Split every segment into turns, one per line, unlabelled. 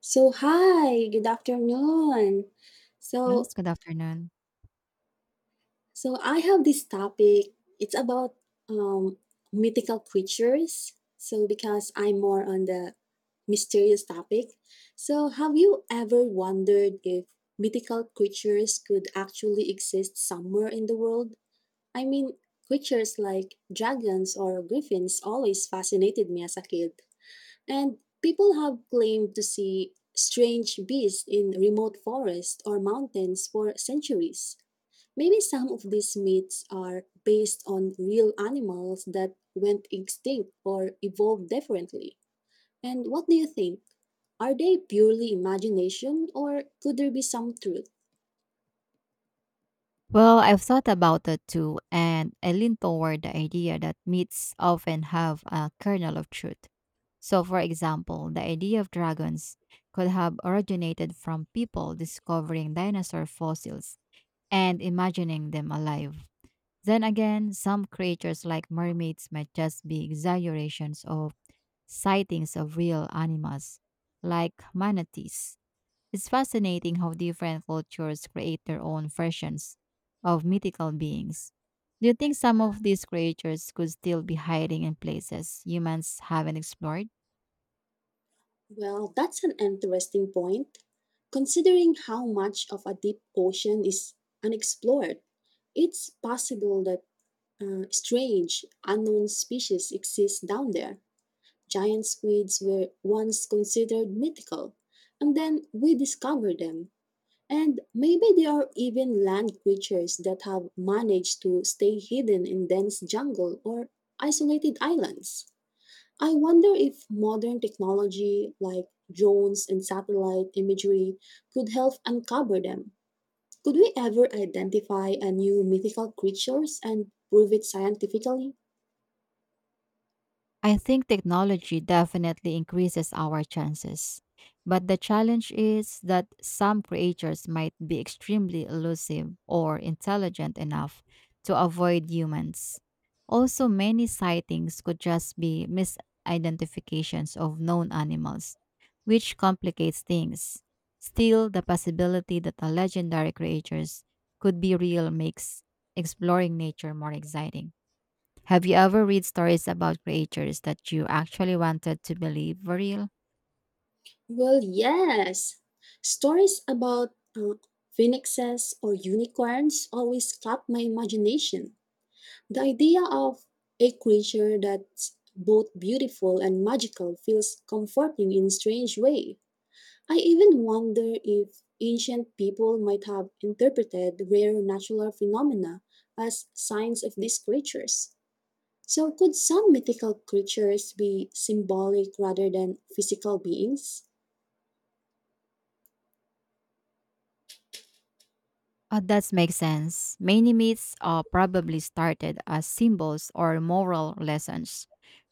So hi, good afternoon.
Yes,
So
good afternoon.
so I have this topic. It's about um, mythical creatures. So because I'm more on the mysterious topic. So have you ever wondered if mythical creatures could actually exist somewhere in the world? I mean, creatures like dragons or griffins always fascinated me as a kid. And people have claimed to see strange beasts in remote forests or mountains for centuries. Maybe some of these myths are based on real animals that went extinct or evolved differently. And what do you think? Are they purely imagination or could there be some truth?
Well, I've thought about it too, and I lean toward the idea that myths often have a kernel of truth. So, for example, the idea of dragons could have originated from people discovering dinosaur fossils and imagining them alive. Then again, some creatures like mermaids might just be exaggerations of sightings of real animals, like manatees. It's fascinating how different cultures create their own versions of mythical beings. Do you think some of these creatures could still be hiding in places humans haven't explored?
Well, that's an interesting point. Considering how much of a deep ocean is unexplored, it's possible that strange, unknown species exist down there. Giant squids were once considered mythical, and then we discovered them. And maybe there are even land creatures that have managed to stay hidden in dense jungle or isolated islands. I wonder if modern technology like drones and satellite imagery could help uncover them. Could we ever identify a new mythical creatures and prove it scientifically?
I think technology definitely increases our chances. But the challenge is that some creatures might be extremely elusive or intelligent enough to avoid humans. Also, many sightings could just be misidentifications of known animals, which complicates things. Still, the possibility that the legendary creatures could be real makes exploring nature more exciting. Have you ever read stories about creatures that you actually wanted to believe were real?
Well, yes. Stories about uh, phoenixes or unicorns always caught my imagination. The idea of a creature that's both beautiful and magical feels comforting in a strange way. I even wonder if ancient people might have interpreted rare natural phenomena as signs of these creatures. So, could some mythical creatures be symbolic rather than physical beings?
Oh, that makes sense. Many myths are probably started as symbols or moral lessons.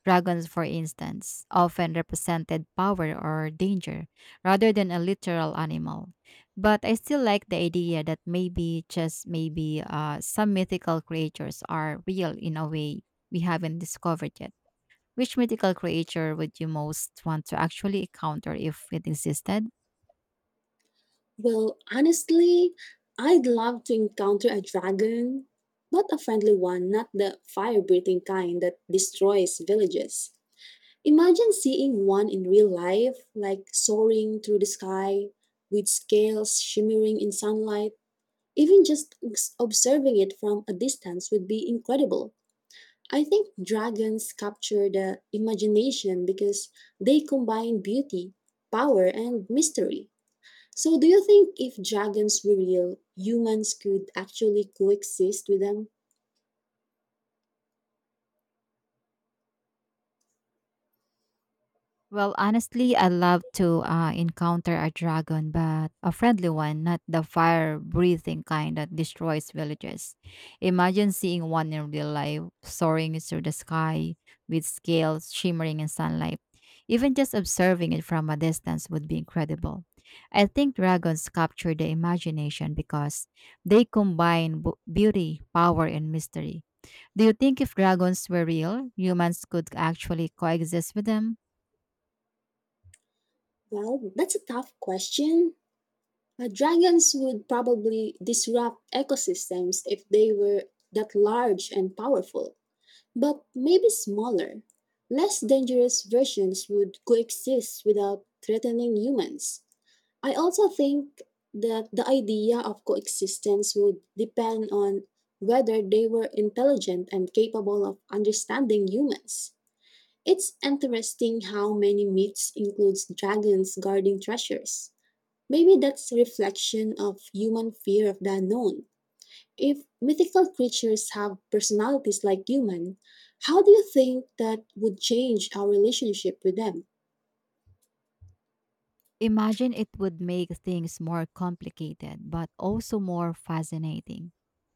Dragons, for instance, often represented power or danger rather than a literal animal. But I still like the idea that maybe, just maybe, some mythical creatures are real in a way we haven't discovered yet. Which mythical creature would you most want to actually encounter if it existed?
Well, honestly, I'd love to encounter a dragon, but a friendly one, not the fire breathing kind that destroys villages. Imagine seeing one in real life, like soaring through the sky with scales shimmering in sunlight. Even just observing it from a distance would be incredible. I think dragons capture the imagination because they combine beauty, power, and mystery. So, do you think if dragons were real, humans could actually coexist with them?
Well, honestly, I love to encounter a dragon, but a friendly one, not the fire breathing kind that destroys villages. Imagine seeing one in real life, soaring through the sky with scales shimmering in sunlight. Even just observing it from a distance would be incredible. I think dragons capture the imagination because they combine beauty, power, and mystery. Do you think if dragons were real, humans could actually coexist with them?
Well, that's a tough question. Dragons would probably disrupt ecosystems if they were that large and powerful. But maybe smaller, less dangerous versions would coexist without threatening humans. I also think that the idea of coexistence would depend on whether they were intelligent and capable of understanding humans. It's interesting how many myths includes dragons guarding treasures. Maybe that's a reflection of human fear of the unknown. If mythical creatures have personalities like humans, how do you think that would change our relationship with them?
Imagine it would make things more complicated, but also more fascinating.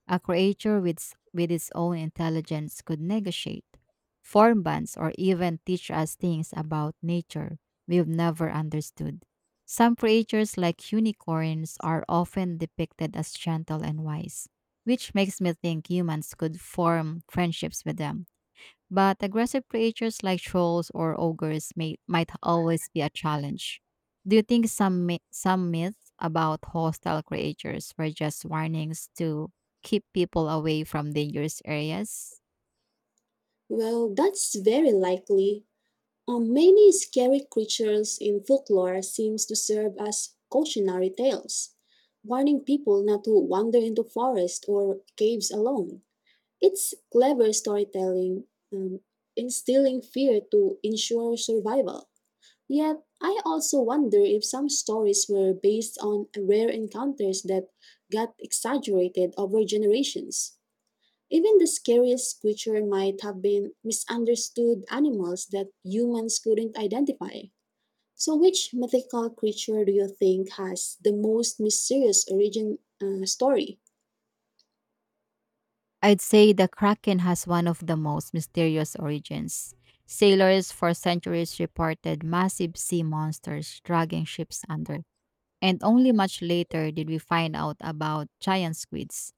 A creature with its own intelligence could negotiate, form bands, or even teach us things about nature we've never understood. Some creatures, like unicorns, are often depicted as gentle and wise, which makes me think humans could form friendships with them but aggressive creatures like trolls or ogres might always be a challenge. Do you think some myths about hostile creatures were just warnings to keep people away from dangerous areas?
Well, that's very likely. Many scary creatures in folklore seems to serve as cautionary tales, warning people not to wander into forests or caves alone. It's clever storytelling, um, instilling fear to ensure survival. Yet, I also wonder if some stories were based on rare encounters that got exaggerated over generations. Even the scariest creature might have been misunderstood animals that humans couldn't identify. So, which mythical creature do you think has the most mysterious origin story?
I'd say the kraken has one of the most mysterious origins. Sailors for centuries reported massive sea monsters dragging ships under and only much later did we find out about giant squids.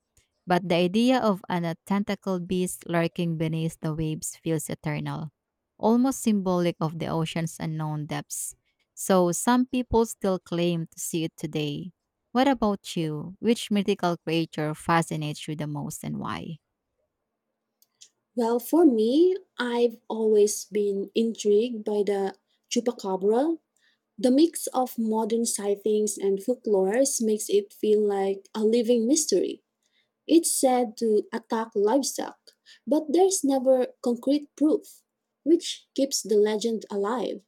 But the idea of an a tentacled beast lurking beneath the waves feels eternal, almost symbolic of the ocean's unknown depths. So some people still claim to see it today. What about you? Which mythical creature fascinates you the most and why?
Well, for me, I've always been intrigued by the chupacabra. The mix of modern sightings and folklores makes it feel like a living mystery. It's said to attack livestock, but there's never concrete proof, which keeps the legend alive.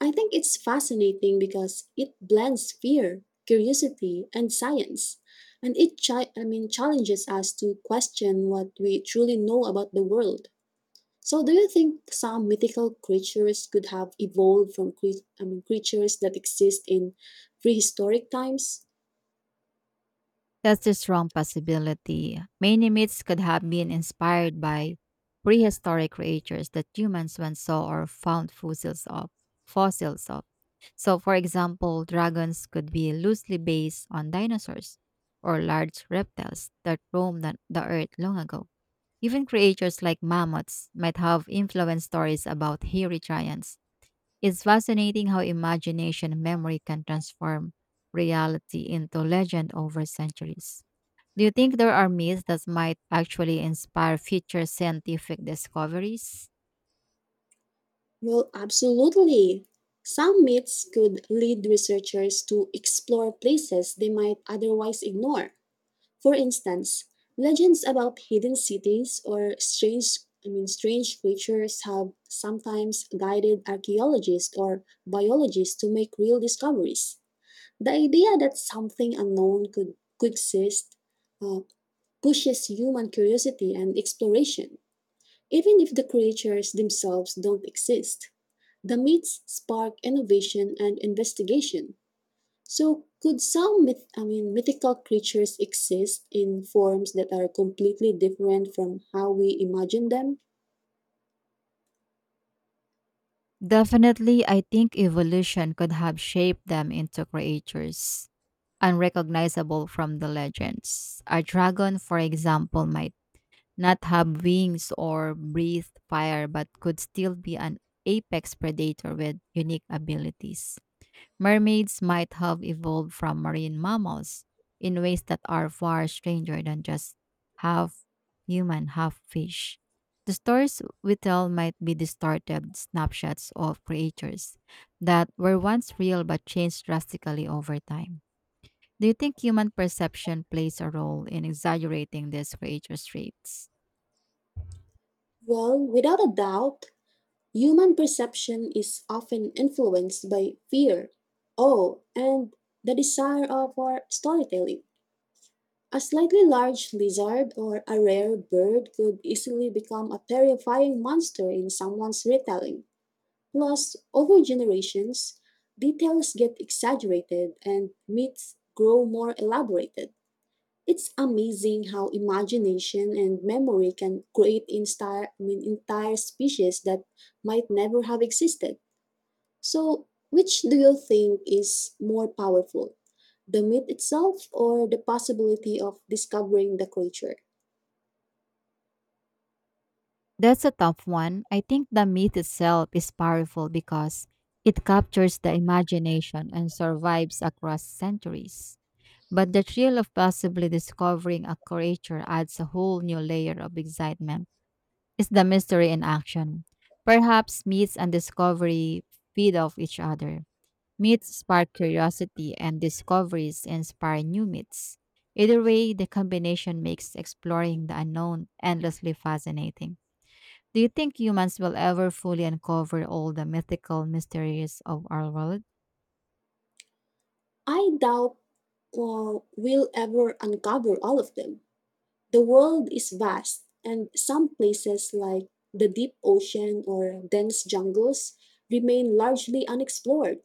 I think it's fascinating because it blends fear, curiosity, and science, and it challenges us to question what we truly know about the world. So, do you think some mythical creatures could have evolved from creatures that exist in prehistoric times?
That's a strong possibility. Many myths could have been inspired by prehistoric creatures that humans once saw or found fossils of. Fossils of. So, for example, dragons could be loosely based on dinosaurs or large reptiles that roamed the earth long ago. Even creatures like mammoths might have influenced stories about hairy giants. It's fascinating how imagination and memory can transform reality into legend over centuries. Do you think there are myths that might actually inspire future scientific discoveries?
Well, absolutely. Some myths could lead researchers to explore places they might otherwise ignore. For instance, legends about hidden cities or strange I mean strange creatures have sometimes guided archaeologists or biologists to make real discoveries. The idea that something unknown could exist uh, pushes human curiosity and exploration, even if the creatures themselves don't exist. The myths spark innovation and investigation. So, could some mythical creatures exist in forms that are completely different from how we imagine them?
Definitely, I think evolution could have shaped them into creatures unrecognizable from the legends. A dragon, for example, might not have wings or breathe fire, but could still be an apex predator with unique abilities. Mermaids might have evolved from marine mammals in ways that are far stranger than just half human, half fish. The stories we tell might be distorted snapshots of creatures that were once real but changed drastically over time. Do you think human perception plays a role in exaggerating these creatures' traits?
Well, without a doubt, human perception is often influenced by fear, awe, and the desire of our storytelling. A slightly large lizard or a rare bird could easily become a terrifying monster in someone's retelling. Plus, over generations, details get exaggerated and myths grow more elaborated. It's amazing how imagination and memory can create entire species that might never have existed. So, which do you think is more powerful, the myth itself or the possibility of discovering the creature?
That's a tough one. I think the myth itself is powerful because it captures the imagination and survives across centuries. But the thrill of possibly discovering a creature adds a whole new layer of excitement. It's the mystery in action. Perhaps myths and discovery feed off each other. Myths spark curiosity, and discoveries inspire new myths. Either way, the combination makes exploring the unknown endlessly fascinating. Do you think humans will ever fully uncover all the mythical mysteries of our world?
I doubt we'll ever uncover all of them. The world is vast, and some places like the deep ocean or dense jungles remain largely unexplored.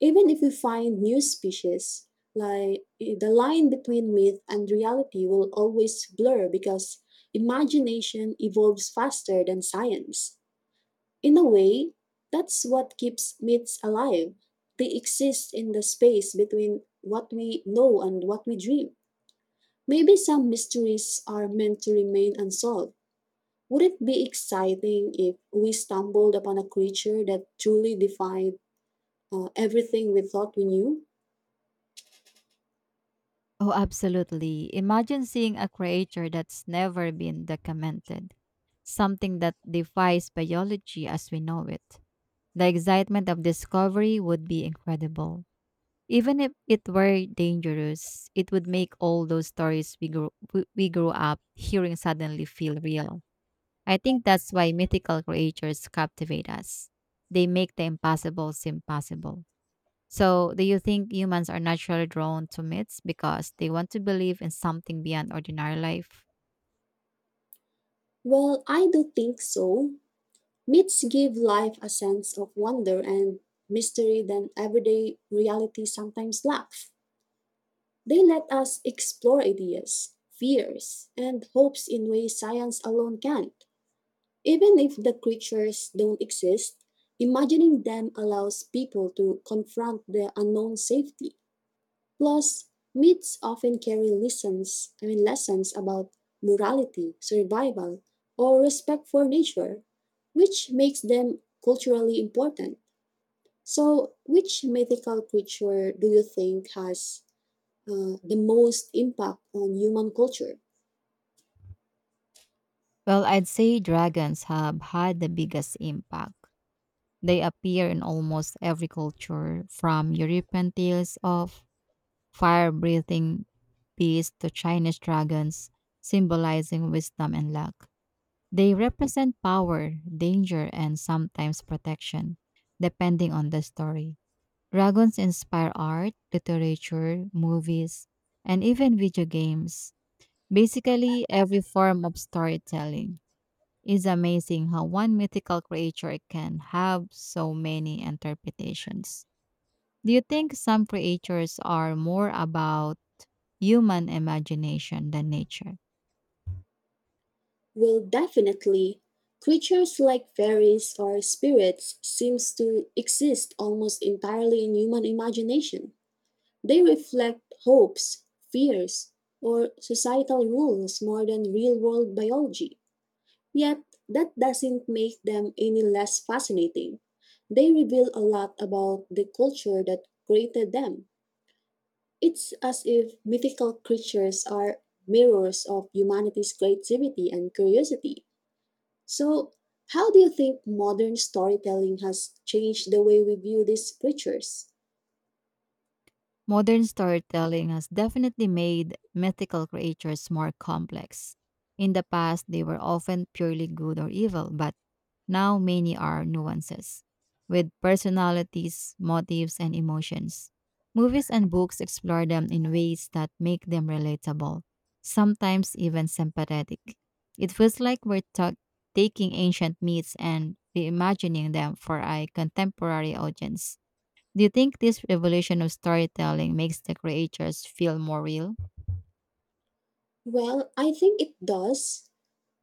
Even if we find new species, the line between myth and reality will always blur because imagination evolves faster than science. In a way, that's what keeps myths alive. They exist in the space between what we know and what we dream. Maybe some mysteries are meant to remain unsolved. Would it be exciting if we stumbled upon a creature that truly defied everything we thought we knew?
Oh, absolutely. Imagine seeing a creature that's never been documented, something that defies biology as we know it. The excitement of discovery would be incredible. Even if it were dangerous, it would make all those stories we grew up hearing suddenly feel real. I think that's why mythical creatures captivate us. They make the impossible seem possible. So, do you think humans are naturally drawn to myths because they want to believe in something beyond ordinary life?
Well, I do think so. Myths give life a sense of wonder and mystery that everyday reality sometimes lacks. They let us explore ideas, fears, and hopes in ways science alone can't. Even if the creatures don't exist, imagining them allows people to confront the unknown safety. Plus, myths often carry lessons, I mean lessons about morality, survival, or respect for nature, which makes them culturally important. So, which mythical creature do you think has the most impact on human culture?
Well, I'd say dragons have had the biggest impact. They appear in almost every culture, from European tales of fire breathing beasts to Chinese dragons, symbolizing wisdom and luck. They represent power, danger, and sometimes protection, depending on the story. Dragons inspire art, literature, movies, and even video games. Basically, every form of storytelling is amazing how one mythical creature can have so many interpretations. Do you think some creatures are more about human imagination than nature?
Well, definitely, creatures like fairies or spirits seems to exist almost entirely in human imagination. They reflect hopes, fears, or societal rules more than real world biology. Yet, that doesn't make them any less fascinating. They reveal a lot about the culture that created them. It's as if mythical creatures are mirrors of humanity's creativity and curiosity. So, how do you think modern storytelling has changed the way we view these creatures?
Modern storytelling has definitely made mythical creatures more complex. In the past, they were often purely good or evil, but now many are nuances with personalities, motives, and emotions. Movies and books explore them in ways that make them relatable, sometimes even sympathetic. It feels like taking ancient myths and reimagining them for a contemporary audience. Do you think this revolution of storytelling makes the creators feel more real?
Well, I think it does.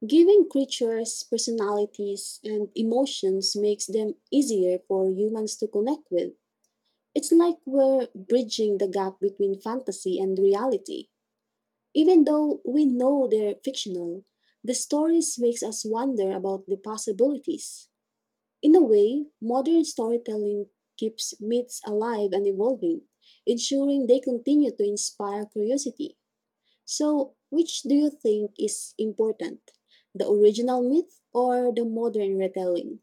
Giving creatures personalities and emotions makes them easier for humans to connect with. It's like we're bridging the gap between fantasy and reality. Even though we know they're fictional, the stories makes us wonder about the possibilities. In a way, modern storytelling keeps myths alive and evolving, ensuring they continue to inspire curiosity. So, which do you think is important? The original myth or the modern retelling?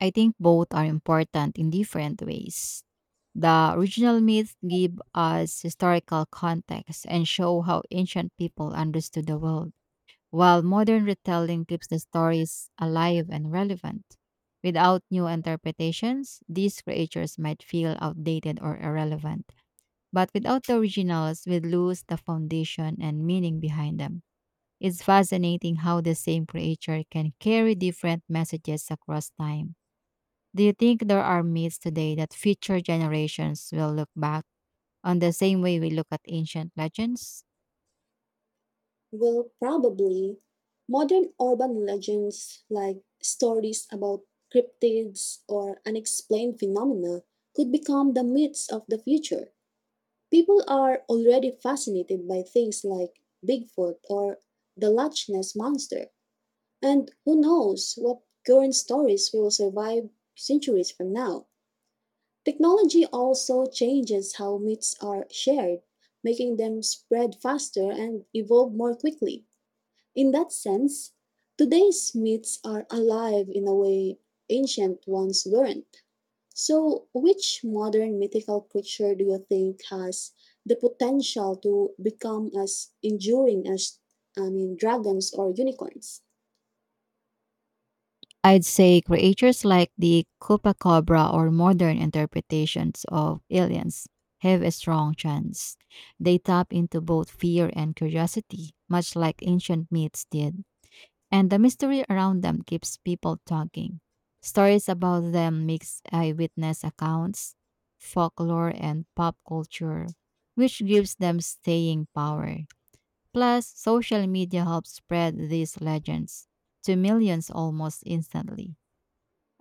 I think both are important in different ways. The original myths give us historical context and show how ancient people understood the world, while modern retelling keeps the stories alive and relevant. Without new interpretations, these creatures might feel outdated or irrelevant. But without the originals, we lose the foundation and meaning behind them. It's fascinating how the same creature can carry different messages across time. Do you think there are myths today that future generations will look back on the same way we look at ancient legends?
Well, probably modern urban legends like stories about cryptids or unexplained phenomena could become the myths of the future. People are already fascinated by things like Bigfoot or the Loch Ness monster, and who knows what current stories will survive centuries from now. Technology also changes how myths are shared, making them spread faster and evolve more quickly. In that sense, today's myths are alive in a way ancient ones weren't. So, which modern mythical creature do you think has the potential to become as enduring as dragons or unicorns?
I'd say creatures like the Copacabra or modern interpretations of aliens have a strong chance. They tap into both fear and curiosity, much like ancient myths did, and the mystery around them keeps people talking. Stories about them mix eyewitness accounts, folklore, and pop culture, which gives them staying power. Plus, social media helps spread these legends to millions almost instantly.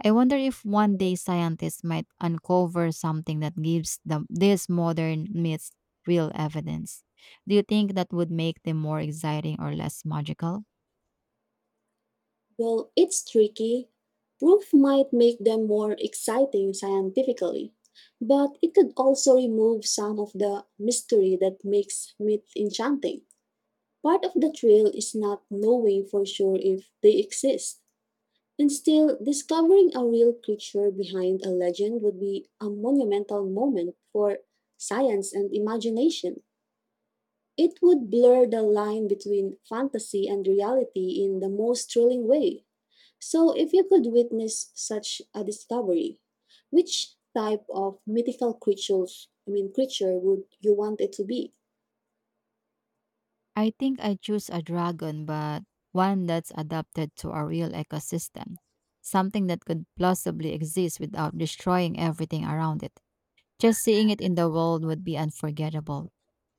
I wonder if one day scientists might uncover something that gives them these modern myths real evidence. Do you think that would make them more exciting or less magical?
Well, it's tricky. Proof might make them more exciting scientifically, but it could also remove some of the mystery that makes myth enchanting. Part of the thrill is not knowing for sure if they exist. And still, discovering a real creature behind a legend would be a monumental moment for science and imagination. It would blur the line between fantasy and reality in the most thrilling way. So, if you could witness such a discovery, which type of mythical creature would you want it to be?
I think I choose a dragon, but one that's adapted to a real ecosystem. Something that could plausibly exist without destroying everything around it. Just seeing it in the world would be unforgettable.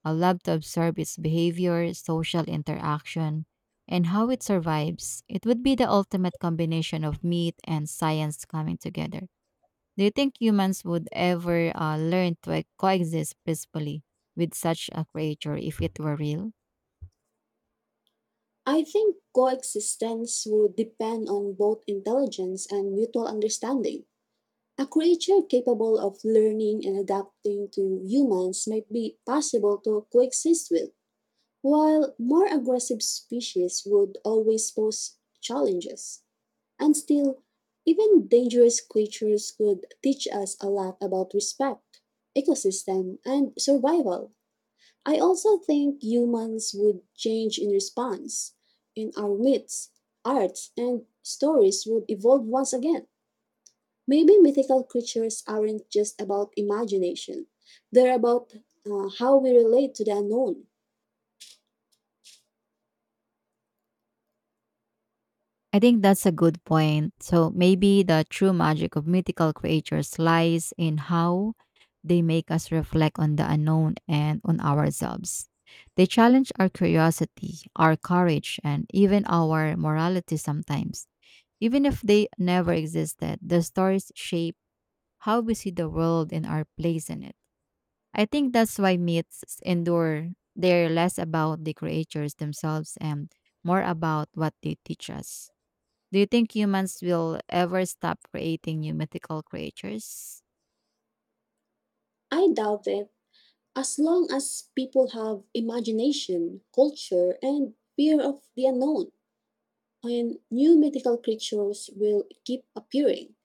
I love to observe its behavior, social interaction, and how it survives. It would be the ultimate combination of meat and science coming together. Do you think humans would ever learn to like, coexist peacefully with such a creature if it were real?
I think coexistence would depend on both intelligence and mutual understanding. A creature capable of learning and adapting to humans might be possible to coexist with, while more aggressive species would always pose challenges. And still, even dangerous creatures could teach us a lot about respect, ecosystem, and survival. I also think humans would change in response. In our myths, arts, and stories would evolve once again. Maybe mythical creatures aren't just about imagination, they're about how we relate to the unknown.
I think that's a good point. So maybe the true magic of mythical creatures lies in how they make us reflect on the unknown and on ourselves. They challenge our curiosity, our courage, and even our morality sometimes. Even if they never existed, the stories shape how we see the world and our place in it. I think that's why myths endure. They're less about the creatures themselves and more about what they teach us. Do you think humans will ever stop creating new mythical creatures?
I doubt it. As long as people have imagination, culture, and fear of the unknown, and new mythical creatures will keep appearing.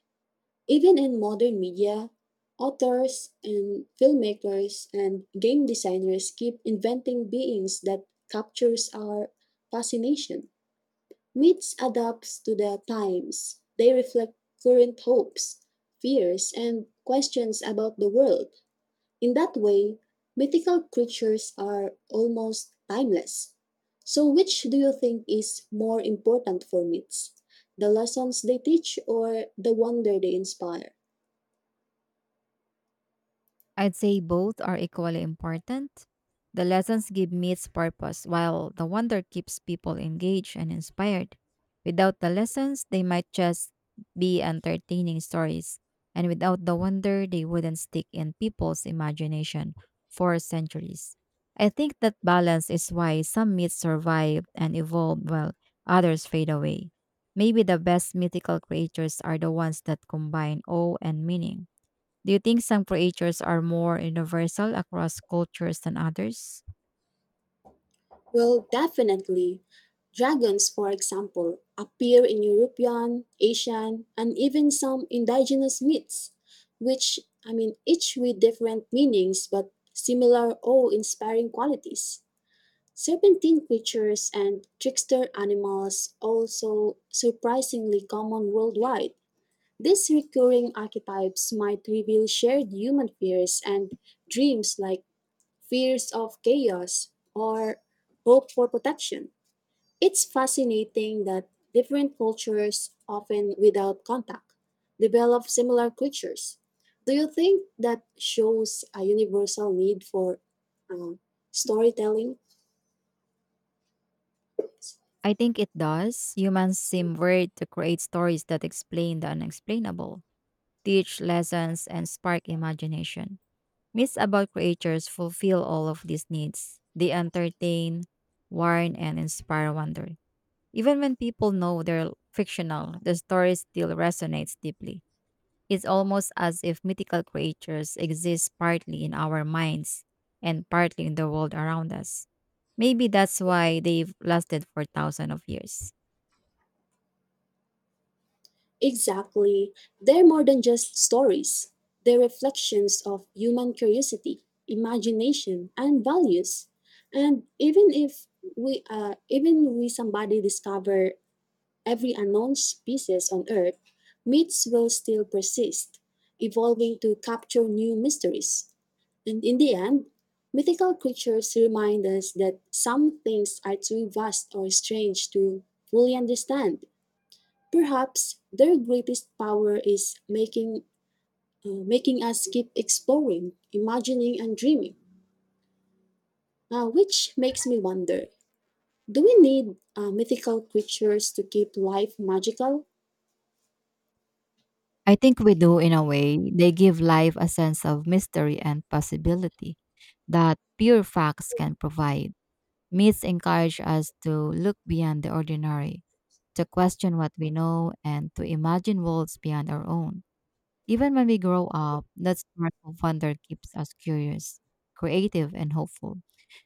Even in modern media, authors and filmmakers and game designers keep inventing beings that captures our fascination. Myths adapts to the times. They reflect current hopes, fears, and questions about the world. In that way, mythical creatures are almost timeless. So, which do you think is more important for myths? The lessons they teach or the wonder they inspire?
I'd say both are equally important. The lessons give myths purpose, while the wonder keeps people engaged and inspired. Without the lessons, they might just be entertaining stories, and without the wonder, they wouldn't stick in people's imagination for centuries. I think that balance is why some myths survive and evolve while others fade away. Maybe the best mythical creatures are the ones that combine awe and meaning. Do you think some creatures are more universal across cultures than others?
Well, definitely. Dragons, for example, appear in European, Asian, and even some indigenous myths, each with different meanings but similar awe inspiring qualities. Serpentine creatures and trickster animals also surprisingly common worldwide. These recurring archetypes might reveal shared human fears and dreams like fears of chaos or hope for protection. It's fascinating that different cultures, often without contact, develop similar creatures. Do you think that shows a universal need for um, storytelling?
I think it does. Humans seem weird to create stories that explain the unexplainable, teach lessons, and spark imagination. Myths about creatures fulfill all of these needs. They entertain, warn, and inspire wonder. Even when people know they're fictional, the story still resonates deeply. It's almost as if mythical creatures exist partly in our minds and partly in the world around us. Maybe that's why they've lasted for thousands of years.
Exactly. They're more than just stories. They're reflections of human curiosity, imagination, and values. And even if we somebody discover every unknown species on Earth, myths will still persist, evolving to capture new mysteries. And in the end, mythical creatures remind us that some things are too vast or strange to fully understand. Perhaps their greatest power is making us keep exploring, imagining, and dreaming. Which makes me wonder: do we need mythical creatures to keep life magical?
I think we do, in a way, they give life a sense of mystery and possibility that pure facts can provide. Myths encourage us to look beyond the ordinary, to question what we know, and to imagine worlds beyond our own. Even when we grow up, that sparkle wonder keeps us curious, creative, and hopeful.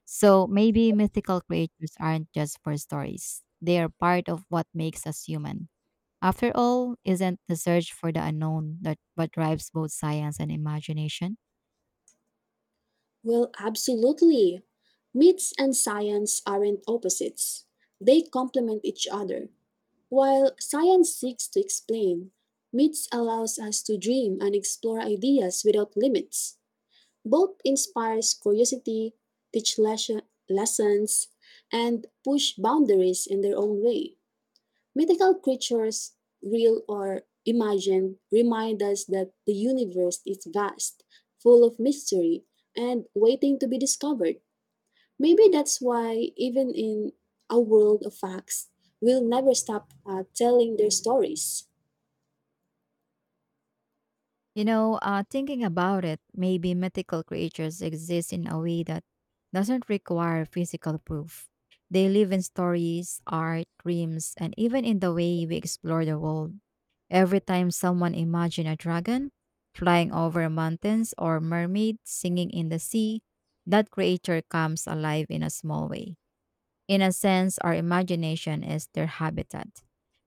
So maybe mythical creatures aren't just for stories, they are part of what makes us human. After all, isn't the search for the unknown that what drives both science and imagination?
Well, absolutely. Myths and science aren't opposites; they complement each other. While science seeks to explain, myths allows us to dream and explore ideas without limits. Both inspires curiosity, teach lesson, lessons, and push boundaries in their own way. Mythical creatures, real or imagined, remind us that the universe is vast, full of mystery, and waiting to be discovered. Maybe that's why, even in a world of facts, we'll never stop telling their stories.
You know, thinking about it, maybe mythical creatures exist in a way that doesn't require physical proof. They live in stories, art, dreams, and even in the way we explore the world. Every time someone imagines a dragon flying over mountains or mermaid singing in the sea, that creature comes alive in a small way. In a sense, our imagination is their habitat.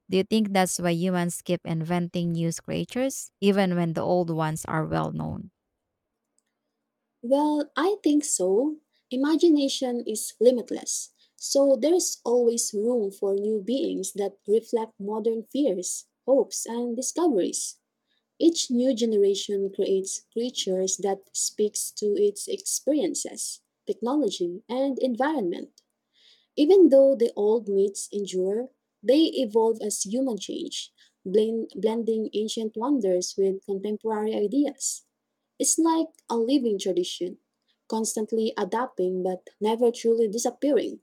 Do you think that's why humans keep inventing new creatures, even when the old ones are well known?
Well, I think so. Imagination is limitless, so there is always room for new beings that reflect modern fears, hopes, and discoveries. Each new generation creates creatures that speaks to its experiences, technology, and environment. Even though the old myths endure, they evolve as human change, blending ancient wonders with contemporary ideas. It's like a living tradition, constantly adapting but never truly disappearing.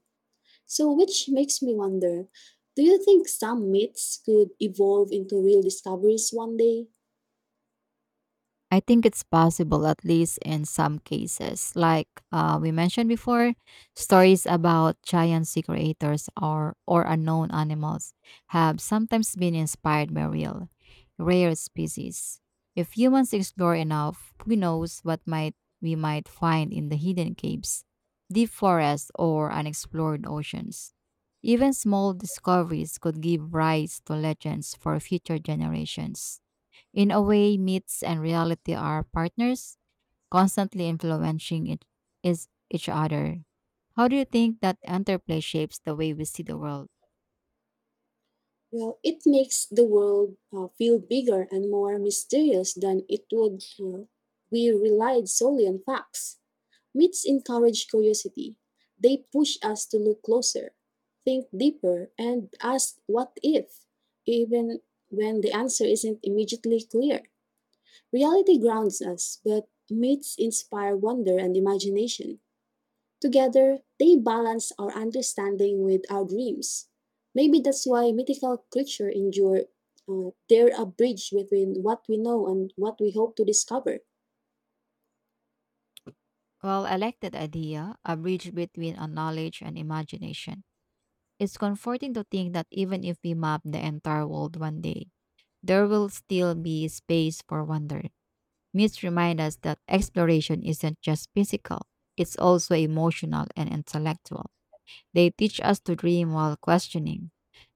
So, which makes me wonder, do you think some myths could evolve into real discoveries one day?
I think it's possible, at least in some cases. Like we mentioned before, stories about giant sea creators or unknown animals have sometimes been inspired by real, rare species. If humans explore enough, who knows what might we might find in the hidden caves, deep forests, or unexplored oceans. Even small discoveries could give rise to legends for future generations. In a way, myths and reality are partners, constantly influencing it is each other. How do you think that interplay shapes the way we see the world?
Well, it makes the world feel bigger and more mysterious than it would we relied solely on facts. Myths encourage curiosity. They push us to look closer, think deeper, and ask what if, even when the answer isn't immediately clear. Reality grounds us, but myths inspire wonder and imagination. Together, they balance our understanding with our dreams. Maybe that's why mythical creatures endure. They're a bridge between what we know and what we hope to discover.
Well, I like that idea, a bridge between our knowledge and imagination. It's comforting to think that even if we map the entire world one day, there will still be space for wonder. Myths remind us that exploration isn't just physical, it's also emotional and intellectual. They teach us to dream while questioning,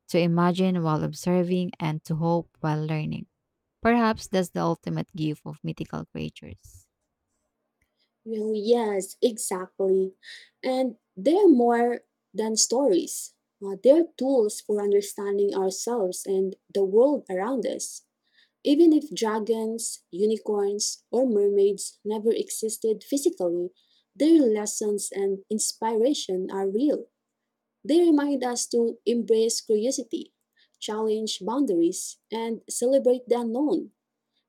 to imagine while observing, and to hope while learning. Perhaps that's the ultimate gift of mythical creatures.
Well, yes, exactly. And they're more than stories. They're tools for understanding ourselves and the world around us. Even if dragons, unicorns, or mermaids never existed physically, their lessons and inspiration are real. They remind us to embrace curiosity, challenge boundaries, and celebrate the unknown.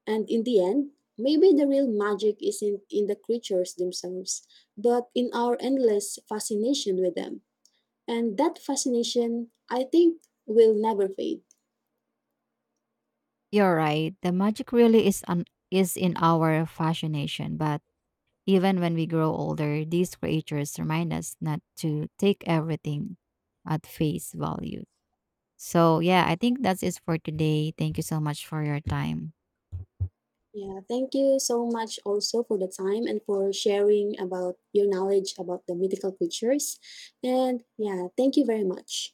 And in the end, maybe the real magic isn't in the creatures themselves, but in our endless fascination with them. And that fascination, I think, will never fade.
You're right. The magic really is in our fascination, but even when we grow older, these creatures remind us not to take everything at face value. So, yeah, I think that's it for today. Thank you so much for your time.
Yeah, thank you so much also for the time and for sharing about your knowledge about the mythical creatures. And yeah, thank you very much.